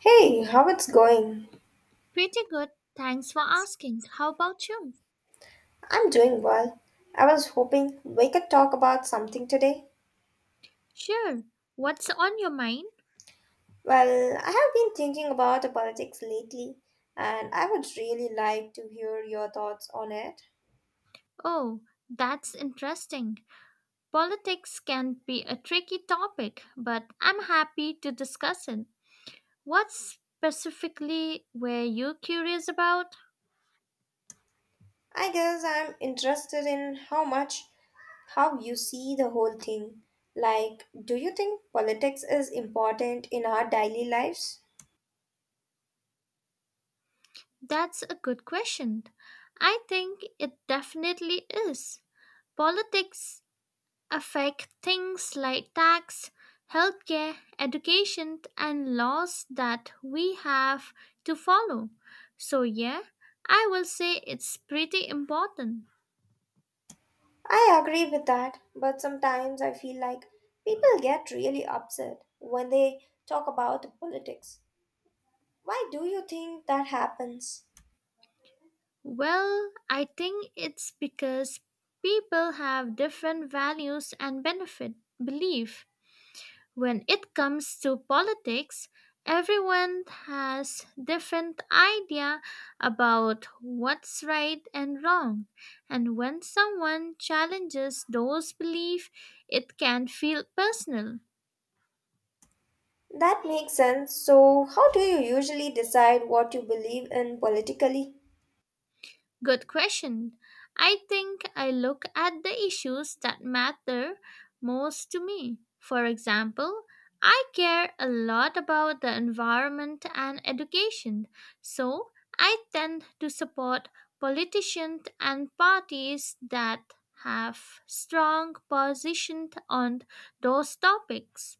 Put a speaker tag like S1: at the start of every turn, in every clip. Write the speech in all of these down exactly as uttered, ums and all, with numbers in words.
S1: Hey, how it's going?
S2: Pretty good, thanks for asking. How about you?
S1: I'm doing well. I was hoping we could talk about something today.
S2: Sure. What's on your mind?
S1: Well, I have been thinking about the politics lately, and I would really like to hear your thoughts on it.
S2: Oh, that's interesting. Politics can be a tricky topic, but I'm happy to discuss it. What specifically were you curious about?
S1: I guess I'm interested in how much how you see the whole thing. Like, do you think politics is important in our daily lives?
S2: That's a good question. I think it definitely is. Politics affect things like tax, healthcare, education, and laws that we have to follow. So, yeah, I will say it's pretty important.
S1: I agree with that, but sometimes I feel like people get really upset when they talk about politics. Why do you think that happens?
S2: Well, I think it's because people have different values and benefit belief. When it comes to politics, everyone has different idea about what's right and wrong. And when someone challenges those beliefs, it can feel personal.
S1: That makes sense. So, how do you usually decide what you believe in politically?
S2: Good question. I think I look at the issues that matter most to me. For example, I care a lot about the environment and education, so I tend to support politicians and parties that have strong positions on those topics.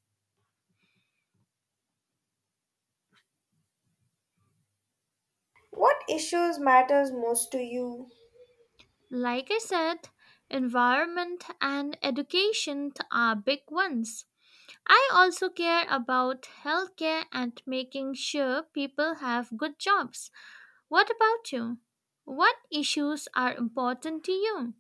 S1: What issues matters most to you?
S2: Like I said, environment and education are big ones. I also care about healthcare and making sure people have good jobs. What about you? What issues are important to you?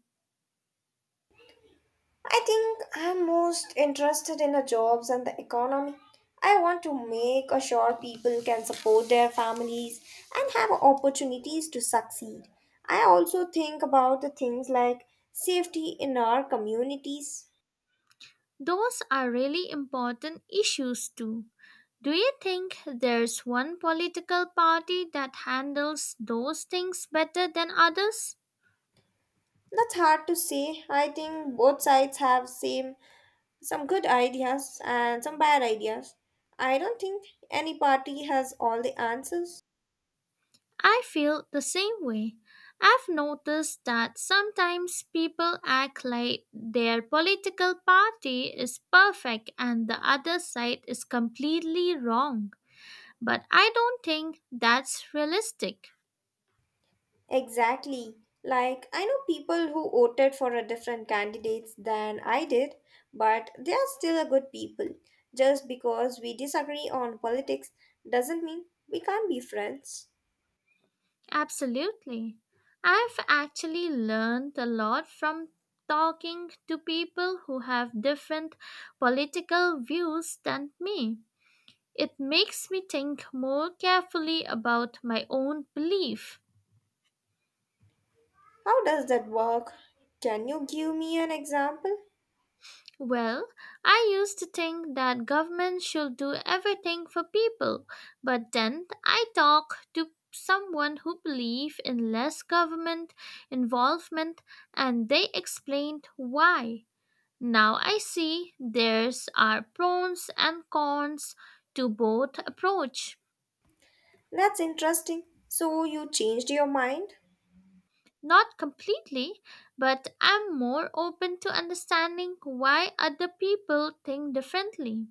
S1: I think I'm most interested in the jobs and the economy. I want to make sure people can support their families and have opportunities to succeed. I also think about the things like safety in our communities.
S2: Those are really important issues too. Do you think there's one political party that handles those things better than others?
S1: That's hard to say. I think both sides have same some good ideas and some bad ideas. I don't think any party has all the answers.
S2: I feel the same way. I've noticed that sometimes people act like their political party is perfect and the other side is completely wrong. But I don't think that's realistic.
S1: Exactly. Like, I know people who voted for a different candidates than I did, but they are still a good people. Just because we disagree on politics doesn't mean we can't be friends.
S2: Absolutely. I've actually learned a lot from talking to people who have different political views than me. It makes me think more carefully about my own belief.
S1: How does that work? Can you give me an example?
S2: Well, I used to think that government should do everything for people, but then I talked to someone who believed in less government involvement and they explained why. Now I see there's are pros and cons to both approach.
S1: That's interesting. So you changed your mind?
S2: Not completely, but I'm more open to understanding why other people think differently.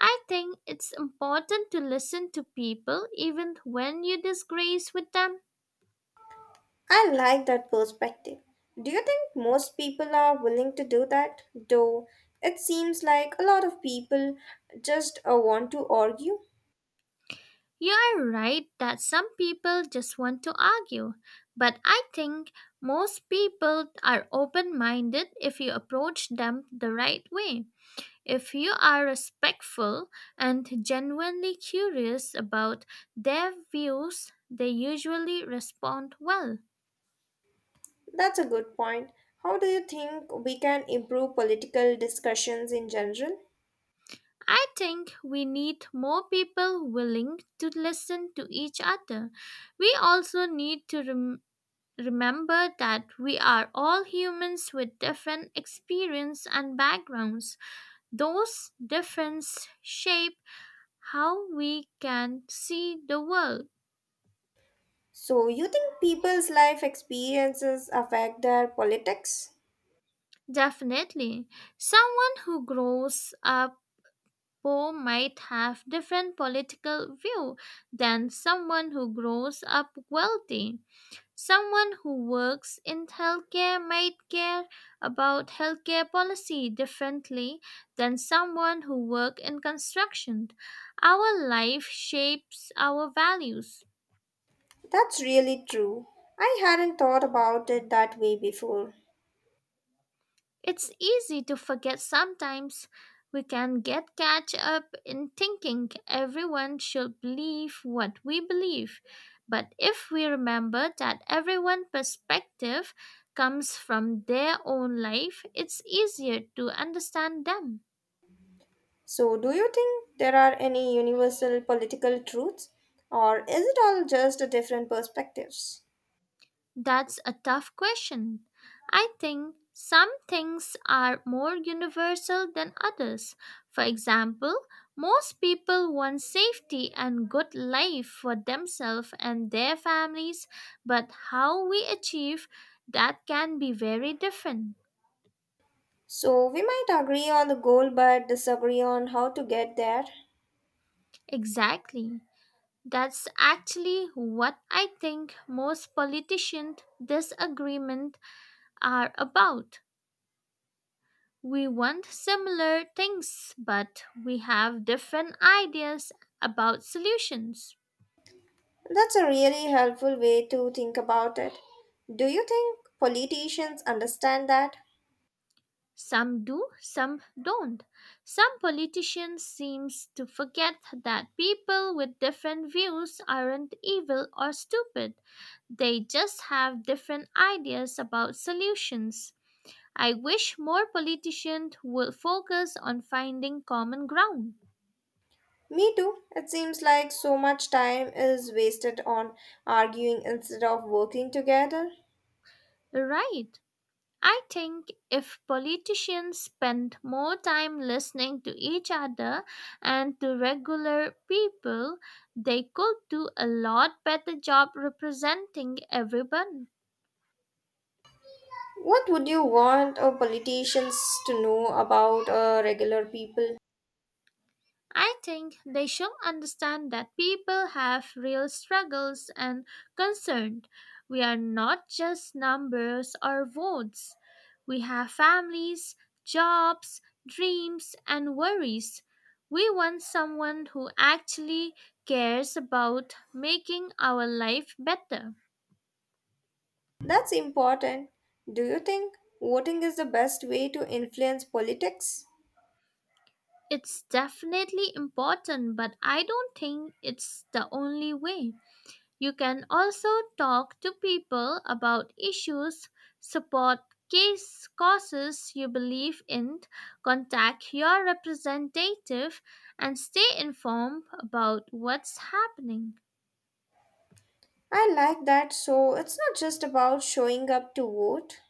S2: I think it's important to listen to people even when you disagree with them.
S1: I like that perspective. Do you think most people are willing to do that? Though it seems like a lot of people just uh, want to argue.
S2: You're right that some people just want to argue, but I think most people are open minded if you approach them the right way. If you are respectful and genuinely curious about their views, they usually respond well.
S1: That's a good point. How do you think we can improve political discussions in general?
S2: I think we need more people willing to listen to each other. We also need to rem- remember that we are all humans with different experience and backgrounds. Those differences shape how we can see the world.
S1: So, you think people's life experiences affect their politics?
S2: Definitely, someone who grows up poor might have different political view than someone who grows up wealthy. Someone who works in healthcare might care about healthcare policy differently than someone who works in construction. Our life shapes our values.
S1: That's really true. I hadn't thought about it that way before.
S2: It's easy to forget sometimes. We can get catch up in thinking everyone should believe what we believe. But if we remember that everyone's perspective comes from their own life, it's easier to understand them.
S1: So, do you think there are any universal political truths, or is it all just a different perspectives?
S2: That's a tough question. I think some things are more universal than others. For example, most people want safety and good life for themselves and their families, but how we achieve that can be very different.
S1: So, we might agree on the goal but disagree on how to get there.
S2: Exactly. That's actually what I think most politicians' disagreement are about. We want similar things, but we have different ideas about solutions.
S1: That's a really helpful way to think about it. Do you think politicians understand that?
S2: Some do, some don't. Some politicians seems to forget that people with different views aren't evil or stupid. They just have different ideas about solutions. I wish more politicians would focus on finding common ground.
S1: Me too. It seems like so much time is wasted on arguing instead of working together.
S2: Right. I think if politicians spent more time listening to each other and to regular people, they could do a lot better job representing everyone.
S1: What would you want a politicians to know about uh, regular people?
S2: I think they should understand that people have real struggles and concerns. We are not just numbers or votes. We have families, jobs, dreams, and worries. We want someone who actually cares about making our life better.
S1: That's important. Do you think voting is the best way to influence politics?
S2: It's definitely important, but I don't think it's the only way. You can also talk to people about issues, support case causes you believe in, contact your representative, and stay informed about what's happening.
S1: I like that. So it's not just about showing up to vote.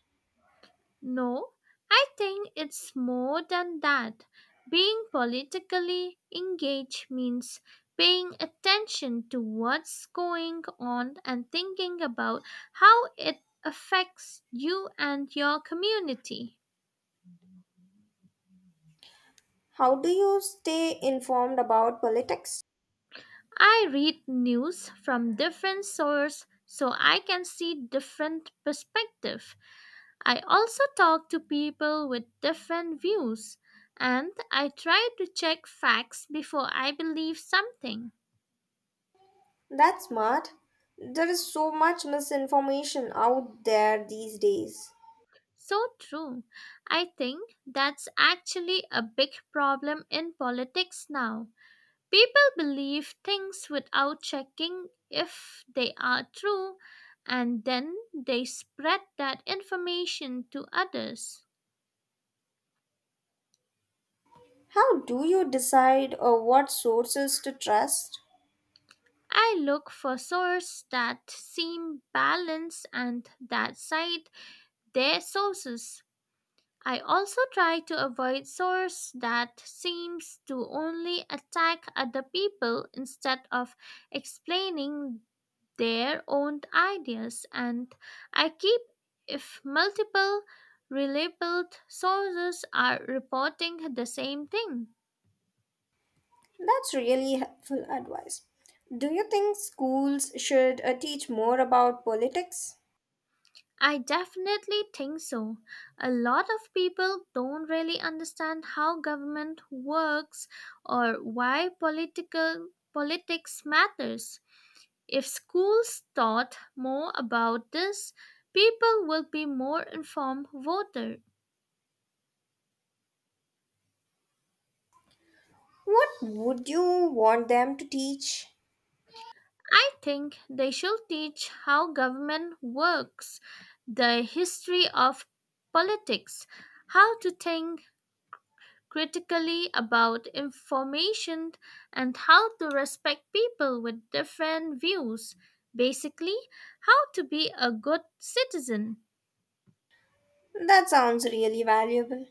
S2: No, I think it's more than that. Being politically engaged means paying attention to what's going on and thinking about how it affects you and your community.
S1: How do you stay informed about politics?
S2: I read news from different sources so I can see different perspectives. I also talk to people with different views and I try to check facts before I believe something.
S1: That's smart. There is so much misinformation out there these days.
S2: So true. I think that's actually a big problem in politics now. People believe things without checking if they are true, and then they spread that information to others.
S1: How do you decide uh, what sources to trust?
S2: I look for sources that seem balanced and that cite their sources. I also try to avoid sources that seems to only attack other people instead of explaining their own ideas, and I keep if multiple reliable sources are reporting the same thing.
S1: That's really helpful advice. Do you think schools should uh, teach more about politics?
S2: I definitely think so. A lot of people don't really understand how government works or why political politics matters. If schools taught more about this, people will be more informed voters.
S1: What would you want them to teach?
S2: I think they should teach how government works, the history of politics, how to think critically about information, and how to respect people with different views. Basically, how to be a good citizen.
S1: That sounds really valuable.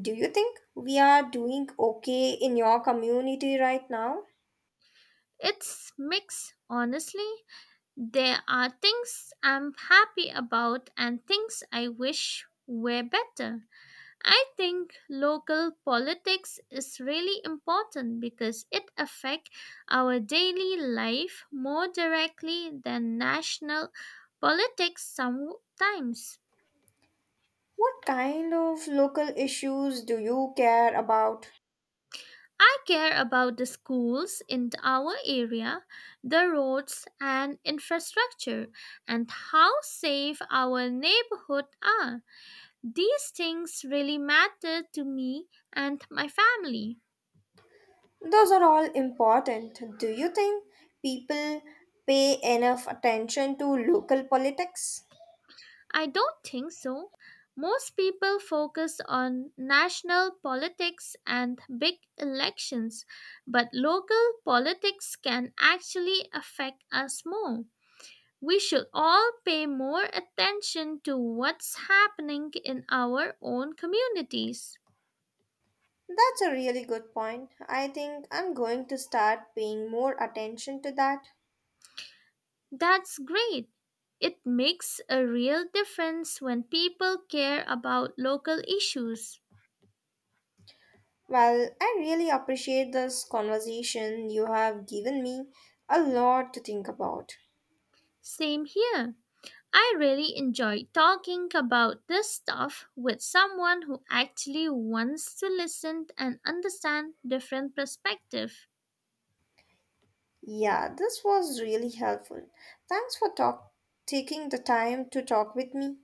S1: Do you think we are doing okay in your community right now?
S2: It's mixed, honestly. There are things I'm happy about and things I wish were better. I think local politics is really important because it affects our daily life more directly than national politics sometimes.
S1: What kind of local issues do you care about?
S2: I care about the schools in our area, the roads and infrastructure, and how safe our neighborhood are. These things really matter to me and my family.
S1: Those are all important. Do you think people pay enough attention to local politics?
S2: I don't think so. Most people focus on national politics and big elections, but local politics can actually affect us more. We should all pay more attention to what's happening in our own communities.
S1: That's a really good point. I think I'm going to start paying more attention to that.
S2: That's great. It makes a real difference when people care about local issues.
S1: Well, I really appreciate this conversation. You have given me a lot to think about.
S2: Same here. I really enjoy talking about this stuff with someone who actually wants to listen and understand different perspectives.
S1: Yeah, this was really helpful. Thanks for talk taking the time to talk with me.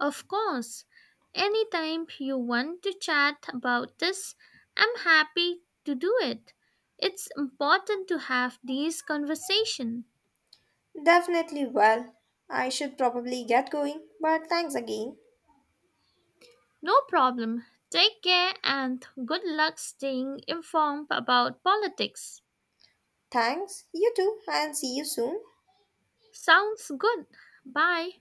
S2: Of course, anytime you want to chat about this, I'm happy to do it. It's important to have these conversations.
S1: Definitely, well. I should probably get going, but thanks again.
S2: No problem. Take care and good luck staying informed about politics.
S1: Thanks. You too, and see you soon.
S2: Sounds good. Bye.